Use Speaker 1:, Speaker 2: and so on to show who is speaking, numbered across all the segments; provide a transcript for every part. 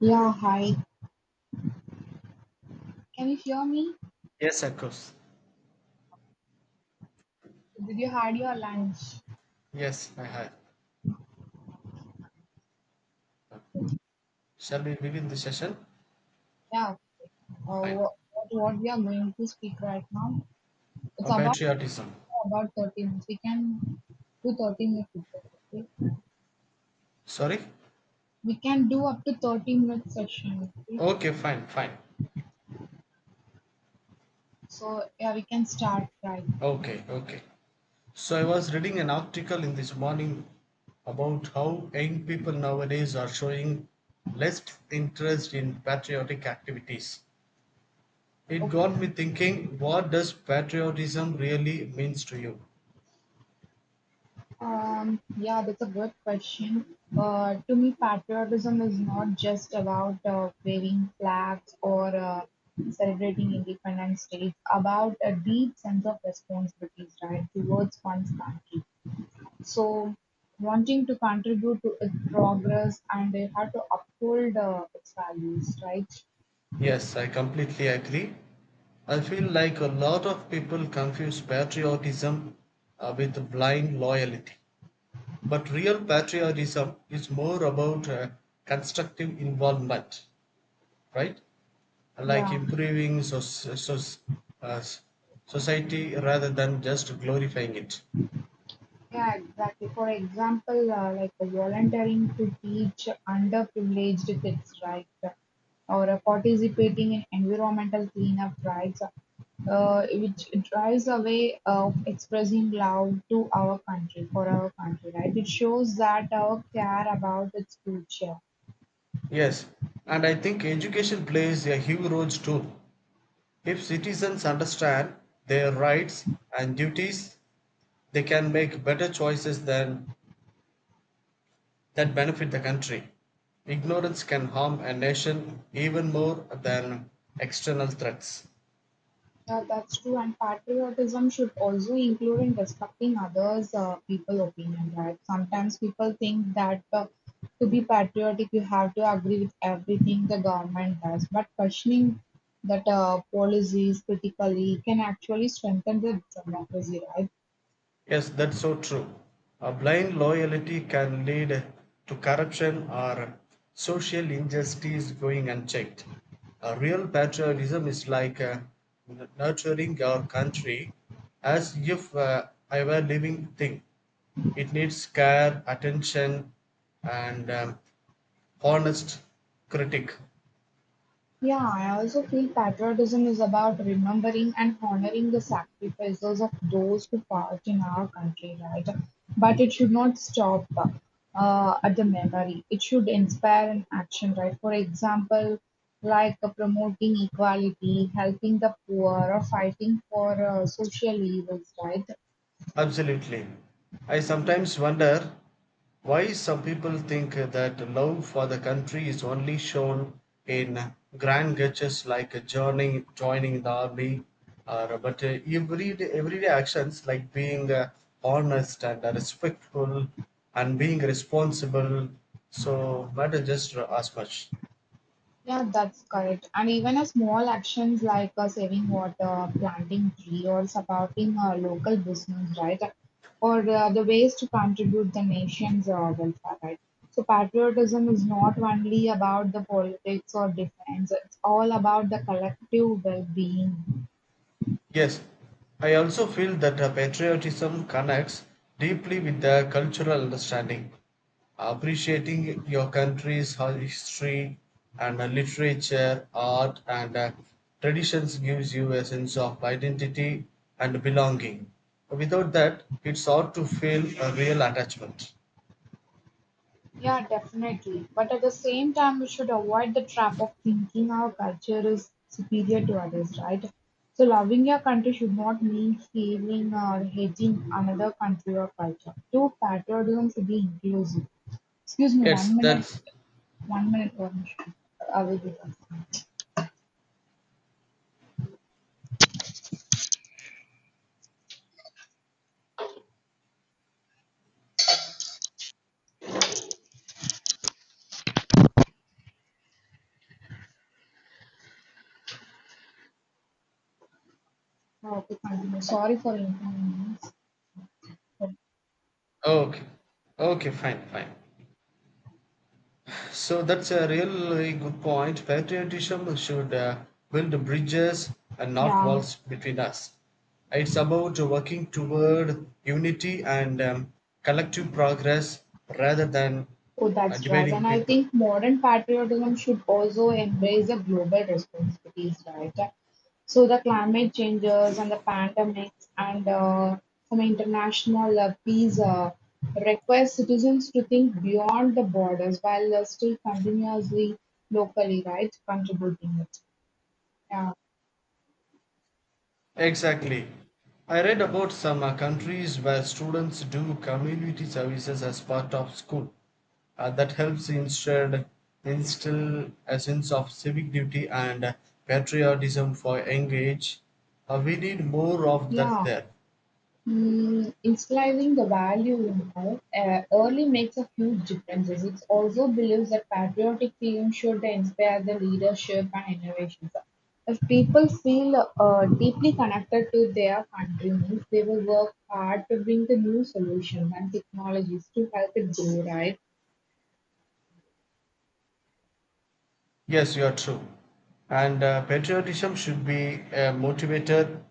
Speaker 1: Yeah, hi. Can you hear me?
Speaker 2: Yes, of course.
Speaker 1: Did you had your lunch?
Speaker 2: Yes, I have. Shall we begin the session?
Speaker 1: Yeah. Uh,
Speaker 2: Fine.
Speaker 1: what, what what we are going to speak right now? It's
Speaker 2: Oh,
Speaker 1: about
Speaker 2: patriotism.
Speaker 1: about 30 minutes. We can do 30 minutes. Okay?
Speaker 2: Sorry?
Speaker 1: We can do up to 30 minutes session. Okay?
Speaker 2: Okay, fine, fine.
Speaker 1: So yeah, we can start right.
Speaker 2: Okay, okay. So I was reading an article in this morning about how young people nowadays are showing less interest in patriotic activities. It
Speaker 1: Okay.
Speaker 2: got me thinking, what does patriotism really means to you?
Speaker 1: Yeah, that's a good question. To me, patriotism is not just about waving flags or celebrating independence days. About a deep sense of responsibility, right, towards one's country. So, wanting to contribute to its progress, and they have to uphold its values, right?
Speaker 2: Yes, I completely agree. I feel like a lot of people confuse patriotism with blind loyalty. But real patriotism is more about constructive involvement, right? Like
Speaker 1: Yeah.
Speaker 2: improving uh, society rather than just glorifying it.
Speaker 1: Yeah, exactly. For example, like volunteering to teach underprivileged kids, right? Or participating in environmental cleanup, drives. Which drives away of expressing love to our country, for our country, right? It shows that our care about its future.
Speaker 2: Yes, and I think education plays a huge role too. If citizens understand their rights and duties, they can make better choices than that benefit the country. Ignorance can harm a nation even more than external threats.
Speaker 1: Yeah, that's true. And patriotism should also include in respecting others' people opinion, right? Sometimes people think that to be patriotic, you have to agree with everything the government does. But questioning that policies critically can actually strengthen the democracy, right?
Speaker 2: Yes, that's so true. A blind loyalty can lead to corruption or social injustice going unchecked. A real patriotism is like nurturing our country as if I were a well living thing. It needs care, attention, and honest critic.
Speaker 1: Yeah, I also feel patriotism is about remembering and honoring the sacrifices of those who fought in our country, right? But it should not stop at the memory. It should inspire an action, right? For example, like promoting equality, helping the poor, or fighting for social evils, right?
Speaker 2: Absolutely. I sometimes wonder why some people think that love for the country is only shown in grand gestures like joining the army, or but everyday actions like being honest and respectful and being responsible so matter just as much.
Speaker 1: Yeah, that's correct. And even a small actions like saving water, planting tree, or supporting local business, right? Or the ways to contribute the nation's welfare, right? So patriotism is not only about the politics or defense; it's all about the collective well-being.
Speaker 2: Yes, I also feel that patriotism connects deeply with the cultural understanding. Appreciating your country's history and literature, art, and traditions gives you a sense of identity and belonging. Without that, it's hard to feel a real attachment.
Speaker 1: Yeah, definitely. But at the same time, we should avoid the trap of thinking our culture is superior to others, right? So, loving your country should not mean feeling or hating another country or culture. True patriotism should be inclusive. Excuse me,
Speaker 2: Yes,
Speaker 1: 1 minute,
Speaker 2: that's
Speaker 1: 1 minute, one I will be back. Okay, continue. Sorry for inconvenience.
Speaker 2: okay. Okay, fine, fine. So that's a really good point. Patriotism should build bridges and not
Speaker 1: Yeah.
Speaker 2: walls between us. It's about working toward unity and collective progress rather than
Speaker 1: Oh, that's right.
Speaker 2: dividing
Speaker 1: And I
Speaker 2: people.
Speaker 1: think modern patriotism should also embrace the global responsibilities, right? So the climate changes and the pandemics and some international peace request citizens to think beyond the borders while still continuously locally, right, contributing it. Yeah,
Speaker 2: Exactly. I read about some countries where students do community services as part of school. That helps instead instill a sense of civic duty and patriotism for young age. We need more of that
Speaker 1: yeah.
Speaker 2: there.
Speaker 1: Mm, instilling the value in oak early makes a huge difference. It also believes that patriotic feelings should inspire the leadership and innovations. If people feel deeply connected to their country, means they will work hard to bring the new solutions and technologies to help it grow, right?
Speaker 2: Yes, you are true. And patriotism should be a motivator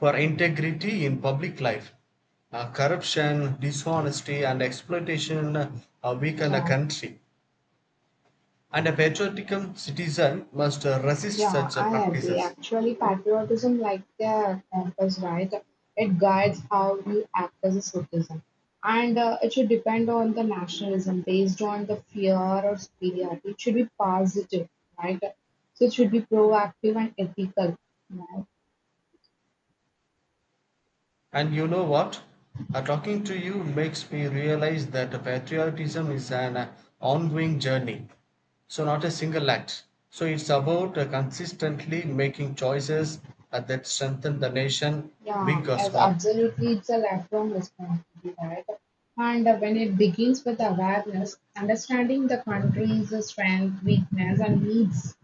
Speaker 2: for integrity in public life. Corruption, dishonesty, and exploitation weaken a country. And a patriotic citizen must resist
Speaker 1: Yeah,
Speaker 2: such
Speaker 1: I agree.
Speaker 2: practices.
Speaker 1: Actually, patriotism, like the compass, right? It guides how you act as a citizen, and it should depend on the nationalism based on the fear or superiority. It should be positive, right? So it should be proactive and ethical, right?
Speaker 2: And you know what? Talking to you makes me realize that patriotism is an ongoing journey. So, not a single act. So, it's about consistently making choices that strengthen the nation,
Speaker 1: Yeah,
Speaker 2: big or
Speaker 1: as
Speaker 2: small.
Speaker 1: absolutely, it's a lifelong responsibility, right? And when it begins with awareness, understanding the country's strength, weakness, and needs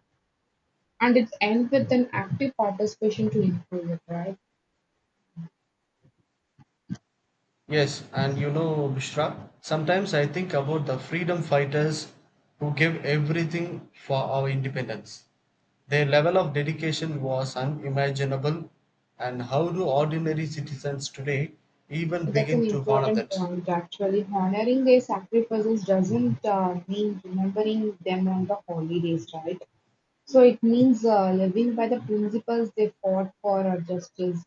Speaker 1: and it ends with an active participation to improve it, right?
Speaker 2: Yes, and you know, Bishra, sometimes I think about the freedom fighters who gave everything for our independence. Their level of dedication was unimaginable, and how do ordinary citizens today even
Speaker 1: That's
Speaker 2: begin
Speaker 1: an
Speaker 2: to honor
Speaker 1: important
Speaker 2: that?
Speaker 1: point, actually. Honoring their sacrifices doesn't mean remembering them on the holidays, right? So it means living by the principles they fought for, justice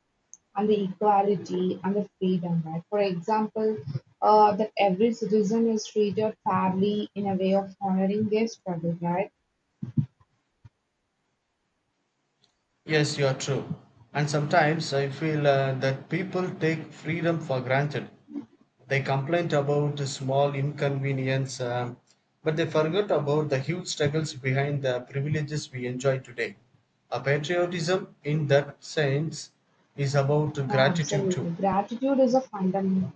Speaker 1: and the equality and the freedom, right? For example, that every citizen is treated fairly in a way of honoring their struggle, right?
Speaker 2: Yes, you are true. And sometimes I feel that people take freedom for granted. They complained about the small inconvenience, but they forgot about the huge struggles behind the privileges we enjoy today. A patriotism, in that sense, is about
Speaker 1: Yeah,
Speaker 2: gratitude too.
Speaker 1: absolutely. Gratitude is a fundamental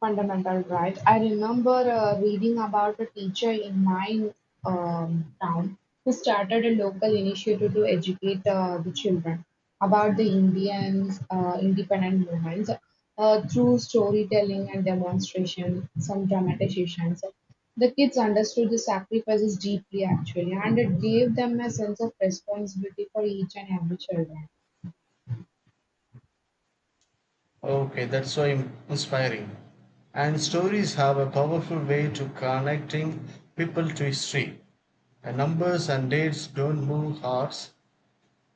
Speaker 1: fundamental right. I remember reading about a teacher in my town who started a local initiative to educate the children about the Indians independent movements through storytelling and demonstration, some dramatizations. The kids understood the sacrifices deeply actually, and it gave them a sense of responsibility for each and every child.
Speaker 2: Okay, that's so inspiring. And stories have a powerful way to connecting people to history. The numbers and dates don't move hearts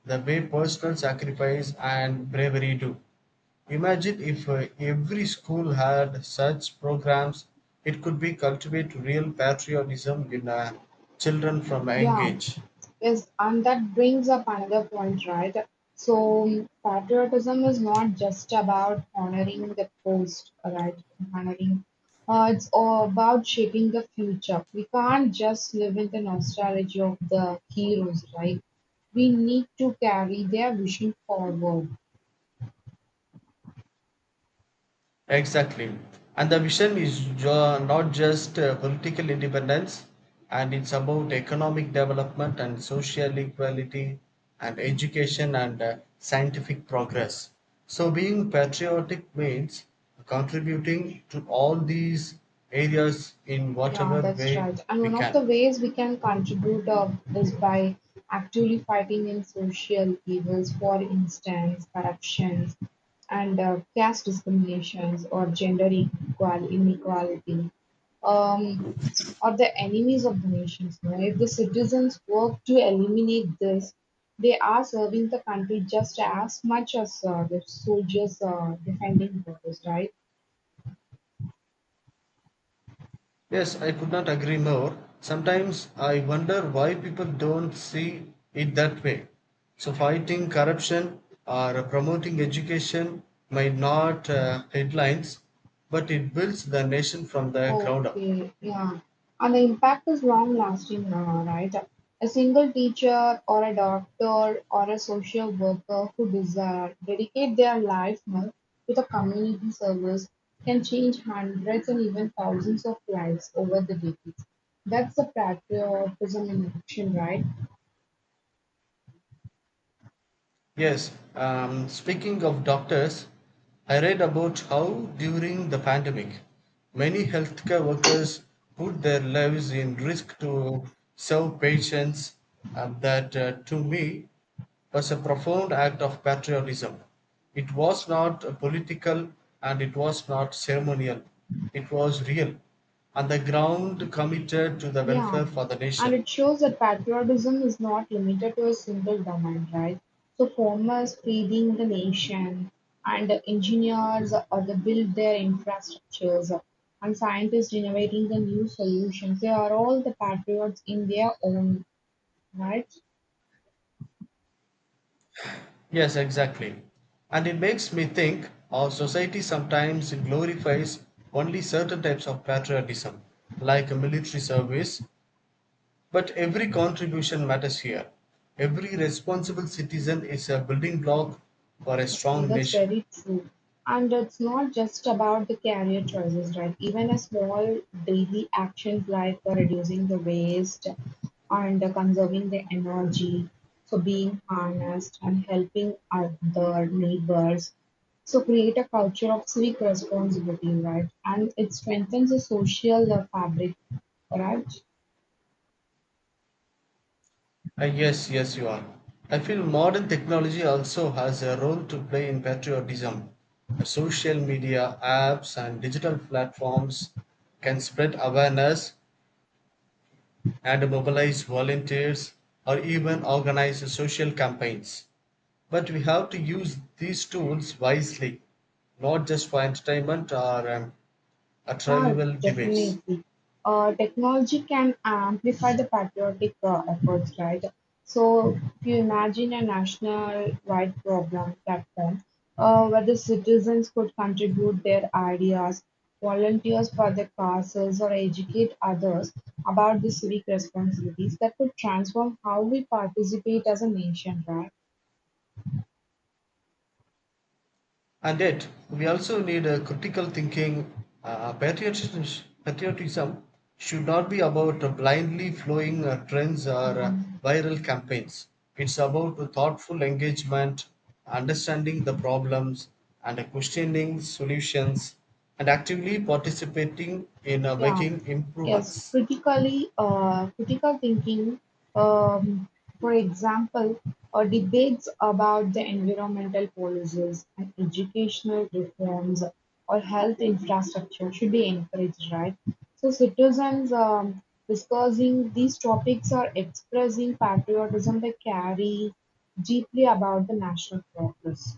Speaker 2: the way personal sacrifice and bravery do. Imagine if every school had such programs, it could be cultivate real patriotism in children from a young
Speaker 1: Yeah,
Speaker 2: age.
Speaker 1: yes, and that brings up another point, right? So, patriotism is not just about honoring the post, right? Honoring, it's all about shaping the future. We can't just live in the nostalgia of the heroes, right? We need to carry their vision forward.
Speaker 2: Exactly. And the vision is not just political independence, and it's about economic development and social equality and education and scientific progress. So, being patriotic means contributing to all these areas in
Speaker 1: Yeah,
Speaker 2: whatever
Speaker 1: that's
Speaker 2: way
Speaker 1: right. And
Speaker 2: we
Speaker 1: one of
Speaker 2: can.
Speaker 1: the ways we can contribute is by actively fighting in social evils, for instance, corruptions and caste discriminations or gender equal inequality. Um, or the enemies of the nations. No? If the citizens work to eliminate this, they are serving the country just as much as the soldiers defending borders, right?
Speaker 2: Yes, I could not agree more. Sometimes I wonder why people don't see it that way. So, fighting corruption or promoting education might not headlines, but it builds the nation from the ground up.
Speaker 1: Okay, yeah. And the impact is long lasting now, right? A single teacher or a doctor or a social worker who desire dedicate their life now to the community service can change hundreds and even thousands of lives over the decades. That's the patriotism in action, right?
Speaker 2: Yes, speaking of doctors, I read about how during the pandemic, many healthcare workers put their lives in risk to serve patients, and that to me was a profound act of patriotism. It was not political and it was not ceremonial, it was real, and the ground committed to the
Speaker 1: Yeah,
Speaker 2: welfare for the
Speaker 1: and
Speaker 2: nation.
Speaker 1: it shows that patriotism is not limited to a single domain, right? So farmers feeding the nation, and engineers or they build their infrastructures, and scientists innovating the new solutions. They are all the patriots in their own, right?
Speaker 2: Yes, exactly. And it makes me think our society sometimes glorifies only certain types of patriotism, like a military service, but every contribution matters here. Every responsible citizen is a building block for a
Speaker 1: Exactly,
Speaker 2: strong
Speaker 1: that's
Speaker 2: nation.
Speaker 1: very true. And it's not just about the career choices, right? Even a small daily actions like reducing the waste and conserving the energy, so being honest and helping other neighbors. So create a culture of civic responsibility, right? And it strengthens the social fabric, right?
Speaker 2: Ah, yes, yes, you are. I feel modern technology also has a role to play in patriotism. Social media apps and digital platforms can spread awareness, and mobilize volunteers or even organize social campaigns. But we have to use these tools wisely, not just for entertainment or a
Speaker 1: Yeah,
Speaker 2: trivial debates.
Speaker 1: definitely. Technology can amplify the patriotic efforts, right? So, if you imagine a national-wide program platform where the citizens could contribute their ideas, volunteers for the causes, or educate others about the civic responsibilities, that could transform how we participate as a nation, right?
Speaker 2: And yet, we also need a critical thinking. Uh, patriotism, patriotism should not be about blindly flowing trends or
Speaker 1: Yeah.
Speaker 2: viral campaigns. It's about a thoughtful engagement, understanding the problems, and questioning solutions, and actively participating in
Speaker 1: Yeah,
Speaker 2: making
Speaker 1: yes,
Speaker 2: improvements.
Speaker 1: critically, critical thinking, um, for example, debates about the environmental policies and educational reforms or health infrastructure should be encouraged, right? So citizens discussing these topics are expressing patriotism they carry deeply about the national progress.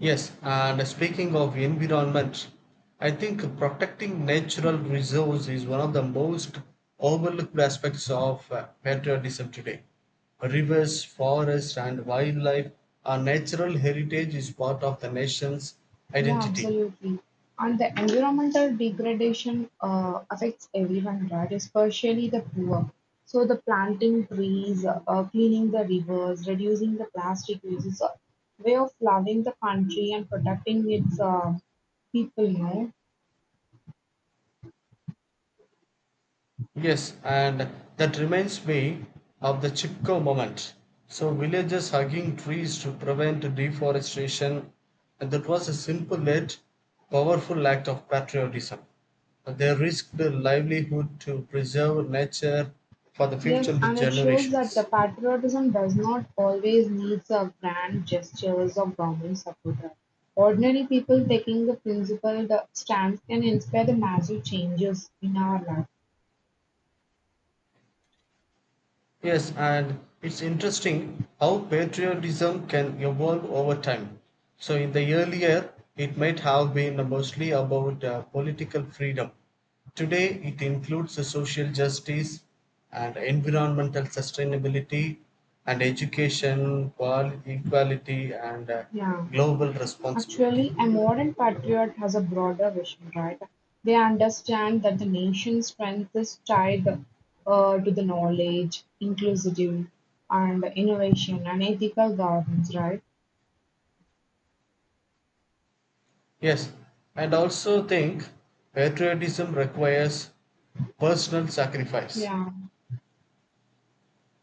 Speaker 2: Yes, and speaking of environment, I think protecting natural resources is one of the most overlooked aspects of patriotism today. Rivers, forests, and wildlife are natural heritage is part of the nation's
Speaker 1: Yeah,
Speaker 2: identity.
Speaker 1: absolutely. And the environmental degradation affects everyone, right? Especially the poor. So the planting trees, cleaning the rivers, reducing the plastic use is a way of loving the country and protecting its people, you know.
Speaker 2: Yes, and that reminds me of the Chipko moment. So villagers hugging trees to prevent deforestation, and that was a simple yet powerful act of patriotism. They risked their livelihood to preserve nature for the future
Speaker 1: Yes, and it shows that the
Speaker 2: generations.
Speaker 1: patriotism does not always need a grand gestures or government support. Ordinary people taking the principled stance can inspire the massive changes in our life.
Speaker 2: Yes, and it's interesting how patriotism can evolve over time. So, in the earlier, it might have been mostly about political freedom. Today, it includes the social justice and environmental sustainability and education, equality, and
Speaker 1: Yeah,
Speaker 2: global responsibility.
Speaker 1: actually, a modern patriot has a broader vision, right? They understand that the nation's strength is tied to the knowledge, inclusive, and innovation and ethical governance, right?
Speaker 2: Yes, and also think patriotism requires personal sacrifice.
Speaker 1: Yeah.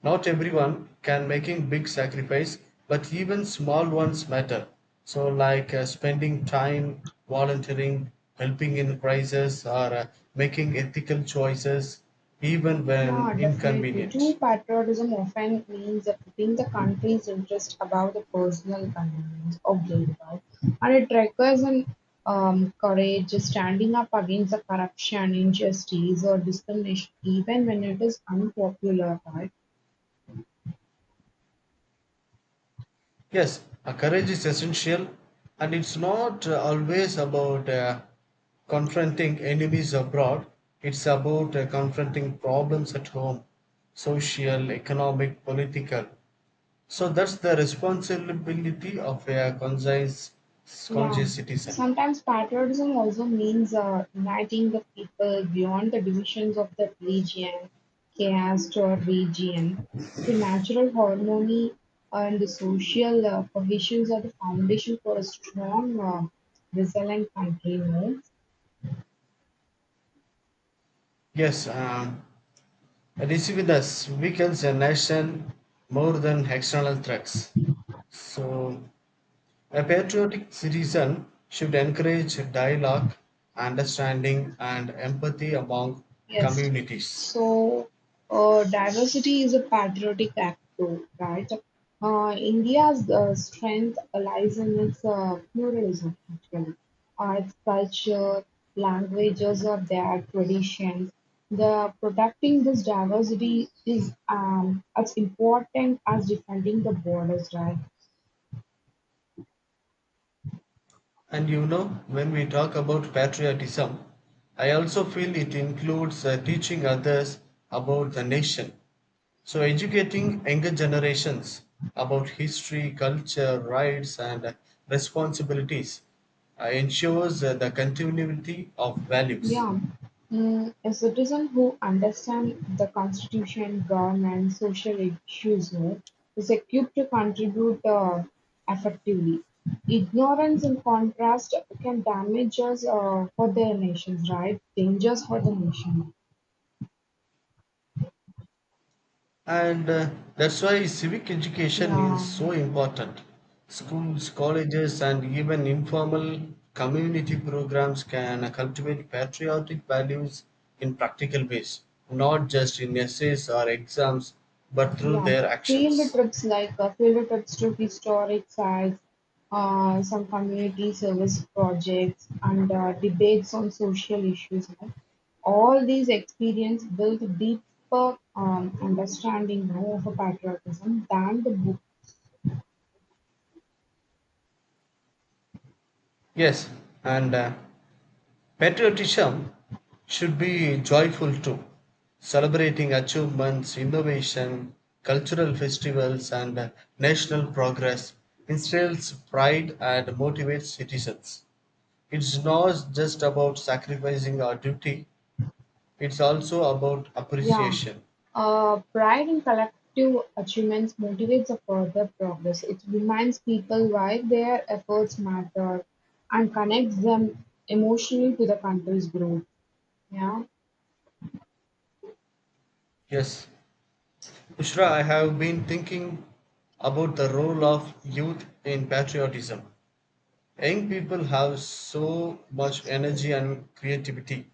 Speaker 2: Not everyone can making big sacrifice, but even small ones matter. So like spending time volunteering, helping in crisis, or making ethical choices, even
Speaker 1: Yeah,
Speaker 2: when
Speaker 1: definitely.
Speaker 2: inconvenient.
Speaker 1: True patriotism often means that putting the country's interest above the personal convenience or greed, right? And it requires an courage, standing up against the corruption, injustice, or discrimination, even when it is unpopular, right?
Speaker 2: Yes, courage is essential, and it's not always about confronting enemies abroad. It's about confronting problems at home, social, economic, political. So that's the responsibility of a
Speaker 1: Yeah.
Speaker 2: conscious citizen.
Speaker 1: Sometimes patriotism also means uniting the people beyond the divisions of the region, caste, or region. So, natural harmony and the social cohesions are the foundation for a strong, resilient country. No?
Speaker 2: Yes, decisiveness weakens a nation more than external threats. So, a patriotic citizen should encourage dialogue, understanding, and empathy among
Speaker 1: Yes.
Speaker 2: communities.
Speaker 1: So, diversity is a patriotic act, too, right? India's strength lies in its pluralism, actually. Its culture, languages, or their traditions. The protecting this diversity is as important as defending the borders, right?
Speaker 2: And you know, when we talk about patriotism, I also feel it includes teaching others about the nation. So, educating younger generations about history, culture, rights, and responsibilities ensures the continuity of values.
Speaker 1: Yeah. Mm, a citizen who understands the constitution, government, social issues more is equipped to contribute effectively. Ignorance, in contrast, can damage us for their nations, right? Dangers for the nation.
Speaker 2: And that's why civic education is
Speaker 1: Yeah.
Speaker 2: so important. Schools, colleges, and even informal community programs can cultivate patriotic values in practical ways, not just in essays or exams, but through
Speaker 1: Yeah,
Speaker 2: their
Speaker 1: field
Speaker 2: actions.
Speaker 1: trips like field trips to historic sites, some community service projects, and debates on social issues. All these experience build deeper understanding of patriotism than the book.
Speaker 2: Yes, and patriotism should be joyful too, celebrating achievements, innovation, cultural festivals, and national progress instills pride and motivates citizens. It's not just about sacrificing our duty, it's also about
Speaker 1: Yeah,
Speaker 2: appreciation.
Speaker 1: pride in collective achievements motivates a further progress. It reminds people why their efforts matter and connects them emotionally to the country's growth. Yeah.
Speaker 2: Yes, Ushra, I have been thinking about the role of youth in patriotism. Young people have so much energy and creativity.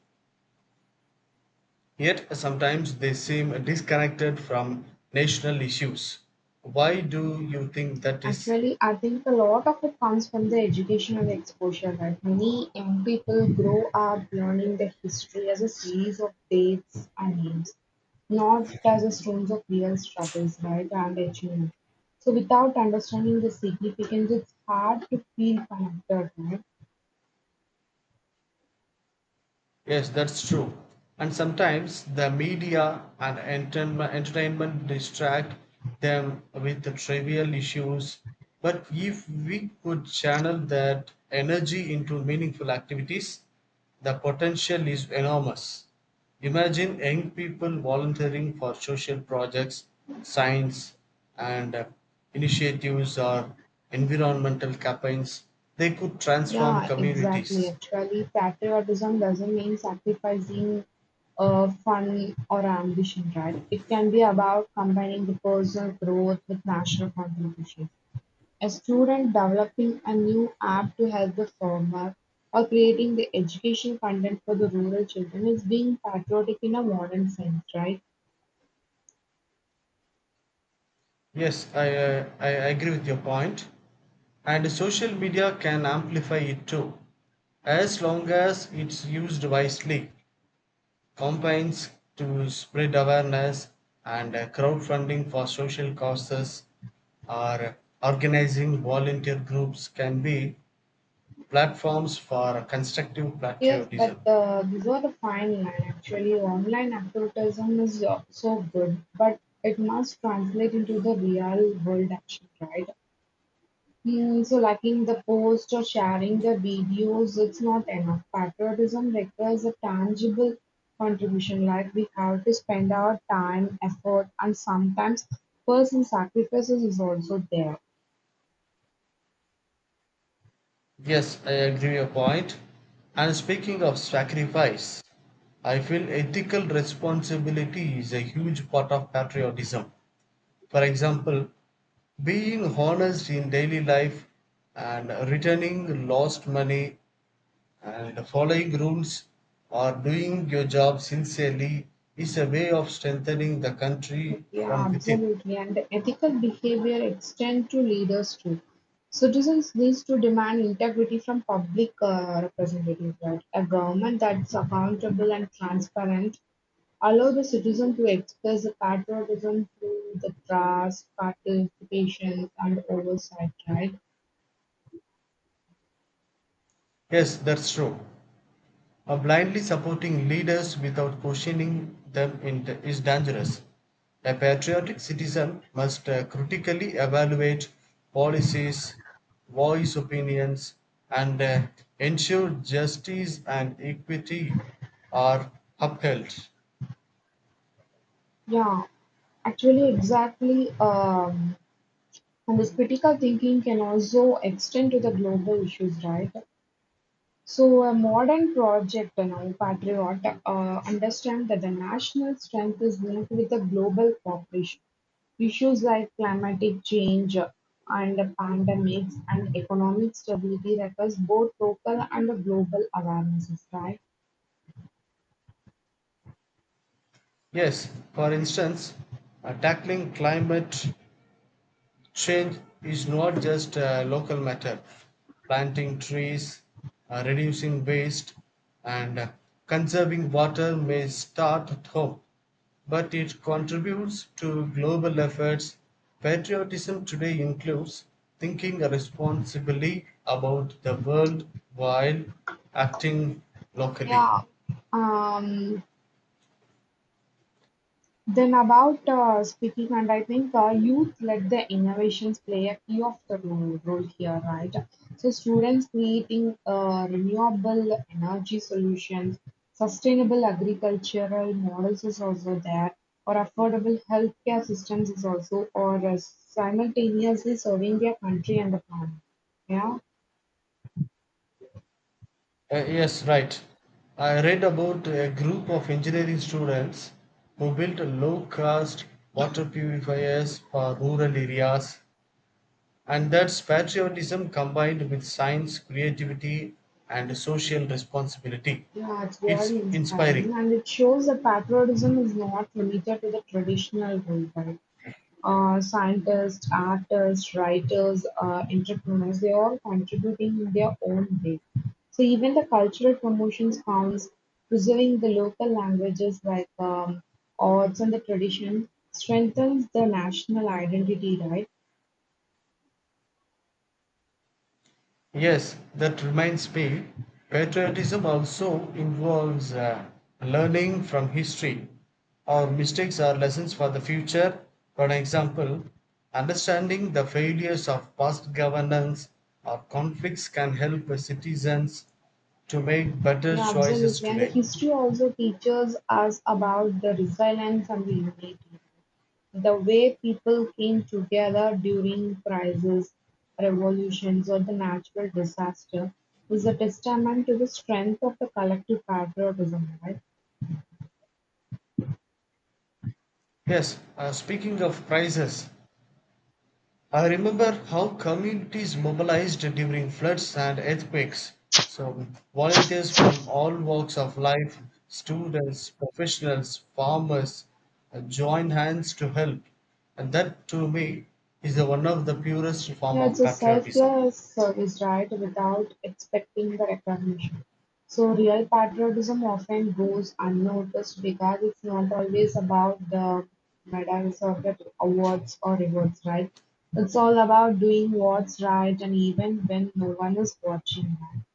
Speaker 2: Yet sometimes they seem disconnected from national issues. Why do you think that is?
Speaker 1: Actually, I think a lot of it comes from the educational exposure, right? Many young people grow up learning the history as a series of dates and names, not as a stones of real struggles, right, and achievements. So without understanding the significance, it's hard to feel connected, right?
Speaker 2: Yes, that's true. And sometimes the media and entertainment distract them with the trivial issues. But if we could channel that energy into meaningful activities, the potential is enormous. Imagine young people volunteering for social projects, science, and initiatives or environmental campaigns. They could transform
Speaker 1: Yeah, exactly.
Speaker 2: communities.
Speaker 1: Actually, patriotism doesn't mean sacrificing fun or ambition, right? It can be about combining the personal growth with national contribution. A student developing a new app to help the farmer or creating the education content for the rural children is being patriotic in a modern sense, right?
Speaker 2: Yes, I agree with your point. And social media can amplify it too, as long as it's used wisely. Campaigns to spread awareness and crowdfunding for social causes or organizing volunteer groups can be platforms for constructive
Speaker 1: Yes, but
Speaker 2: patriotism.
Speaker 1: before the fine line, actually, online advertising is so good, but it must translate into the real world action, right? Mm, so, liking the post or sharing the videos, it's not enough. Patriotism requires a tangible contribution, like we have to spend our time, effort, and sometimes personal sacrifices is also there.
Speaker 2: Yes, I agree with your point. And speaking of sacrifice, I feel ethical responsibility is a huge part of patriotism. For example, being honest in daily life and returning lost money and following rules or doing your job sincerely is a way of strengthening the country
Speaker 1: Yeah,
Speaker 2: from within.
Speaker 1: absolutely. And the ethical behavior extend to leaders too. Citizens needs to demand integrity from public representatives, right? A government that's accountable and transparent allow the citizen to express the patriotism through the trust, participation, and oversight, right?
Speaker 2: Yes, that's true. Blindly supporting leaders without questioning them is dangerous. A patriotic citizen must critically evaluate policies, voice opinions, and ensure justice and equity are upheld.
Speaker 1: Yeah, actually, exactly. And this critical thinking can also extend to the global issues, right? So a modern project now, Patriot, understand that the national strength is linked with the global cooperation. Issues like climatic change and pandemics and economic stability requires both local and global awarenesses, right?
Speaker 2: Yes, for instance, tackling climate change is not just a local matter. Planting trees, reducing waste, and conserving water may start at home, but it contributes to global efforts. Patriotism today includes thinking responsibly about the world while acting locally.
Speaker 1: Yeah, Um, then about speaking, and I think youth led the innovations play a key of the role here, right? So students creating renewable energy solutions, sustainable agricultural models is also there, or affordable healthcare systems is also, or simultaneously serving their country and the planet. Yeah.
Speaker 2: Yes, right. I read about a group of engineering students who built low cost water purifiers for rural areas, and that's patriotism combined with science, creativity, and social responsibility.
Speaker 1: Yeah, it's
Speaker 2: It's
Speaker 1: really inspiring,
Speaker 2: inspiring.
Speaker 1: and it shows that patriotism is not limited to the traditional role, right? Scientists, artists, writers, entrepreneurs, they all contributing in their own way. So even the cultural promotions counts, preserving the local languages like arts and the tradition strengthens the national identity, right?
Speaker 2: Yes, that reminds me, patriotism also involves learning from history. Our mistakes are lessons for the future. For an example, understanding the failures of past governance or conflicts can help citizens to make better
Speaker 1: Yeah,
Speaker 2: choices
Speaker 1: absolutely. And the
Speaker 2: today.
Speaker 1: history also teaches us about the resilience and the unity. The way people came together during crises, revolutions, or the natural disaster is a testament to the strength of the collective patriotism, right?
Speaker 2: Yes, speaking of prizes, I remember how communities mobilized during floods and earthquakes. So, volunteers from all walks of life, students, professionals, farmers, join hands to help. And that, to me, is the one of the purest form
Speaker 1: Yeah, it's
Speaker 2: of
Speaker 1: a
Speaker 2: patriotism.
Speaker 1: selfless service, right, without expecting the recognition. So real patriotism often goes unnoticed because it's not always about the medals or the awards or rewards, right? It's all about doing what's right and even when no one is watching, right?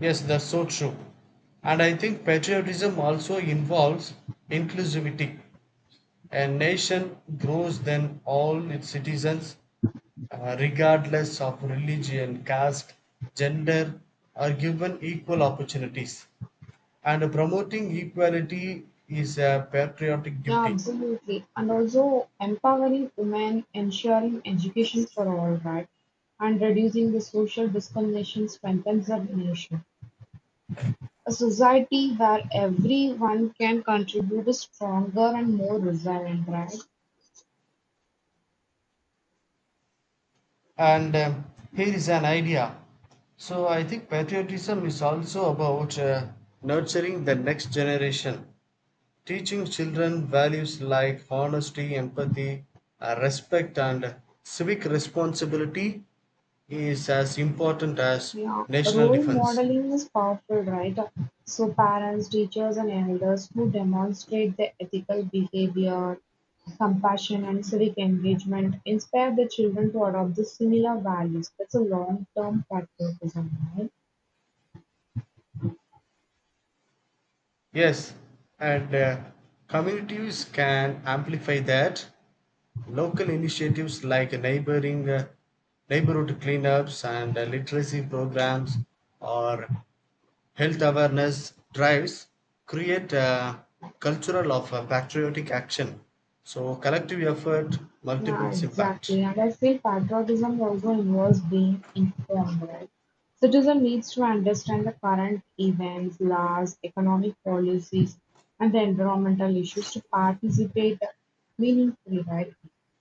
Speaker 2: Yes, that's so true. And I think patriotism also involves inclusivity. A nation grows then all its citizens regardless of religion, caste, gender, are given equal opportunities. And promoting equality is a patriotic
Speaker 1: Yeah,
Speaker 2: duty.
Speaker 1: absolutely. And also empowering women, ensuring education for all, right? And reducing the social discrimination strengthens a nation. A society where everyone can contribute is stronger and more resilient, right?
Speaker 2: And here is an idea. So I think patriotism is also about nurturing the next generation, teaching children values like honesty, empathy, respect, and civic responsibility is as important as
Speaker 1: Yeah,
Speaker 2: national
Speaker 1: role
Speaker 2: defense.
Speaker 1: modeling is powerful, right? So parents, teachers, and elders who demonstrate the ethical behavior, compassion, and civic engagement inspire the children to adopt the similar values. That's a long-term practice, isn't
Speaker 2: Yes, and communities can amplify that. Local initiatives like neighboring neighborhood cleanups and literacy programs or health awareness drives create a cultural of patriotic action. So collective effort
Speaker 1: Yeah,
Speaker 2: multiples impact.
Speaker 1: exactly. And I feel patriotism also involves being informed, right? Citizen needs to understand the current events, laws, economic policies, and the environmental issues to participate meaningfully, right?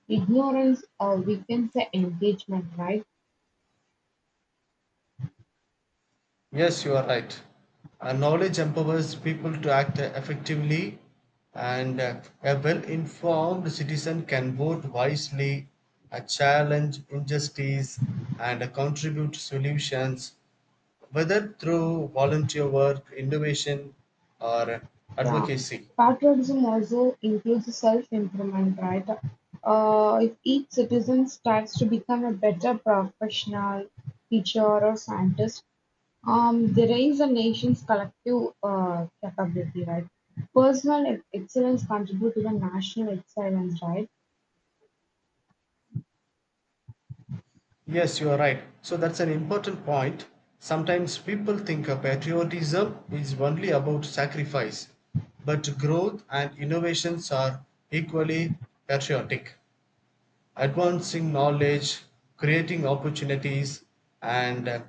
Speaker 1: Ignorance weakens the engagement, right?
Speaker 2: Yes, you are right. Knowledge empowers people to act effectively, and a well informed citizen can vote wisely, challenge injustice, and contribute solutions, whether through volunteer work, innovation, or
Speaker 1: Yeah,
Speaker 2: advocacy.
Speaker 1: patriotism also includes self-improvement, right? If each citizen strives to become a better professional, teacher, or scientist, they raise a nation's collective capability, right? Personal excellence contribute to the national excellence, right?
Speaker 2: Yes, you are right. So that's an important point. Sometimes people think of patriotism is only about sacrifice, but growth and innovations are equally patriotic. Advancing knowledge, creating opportunities, and uh,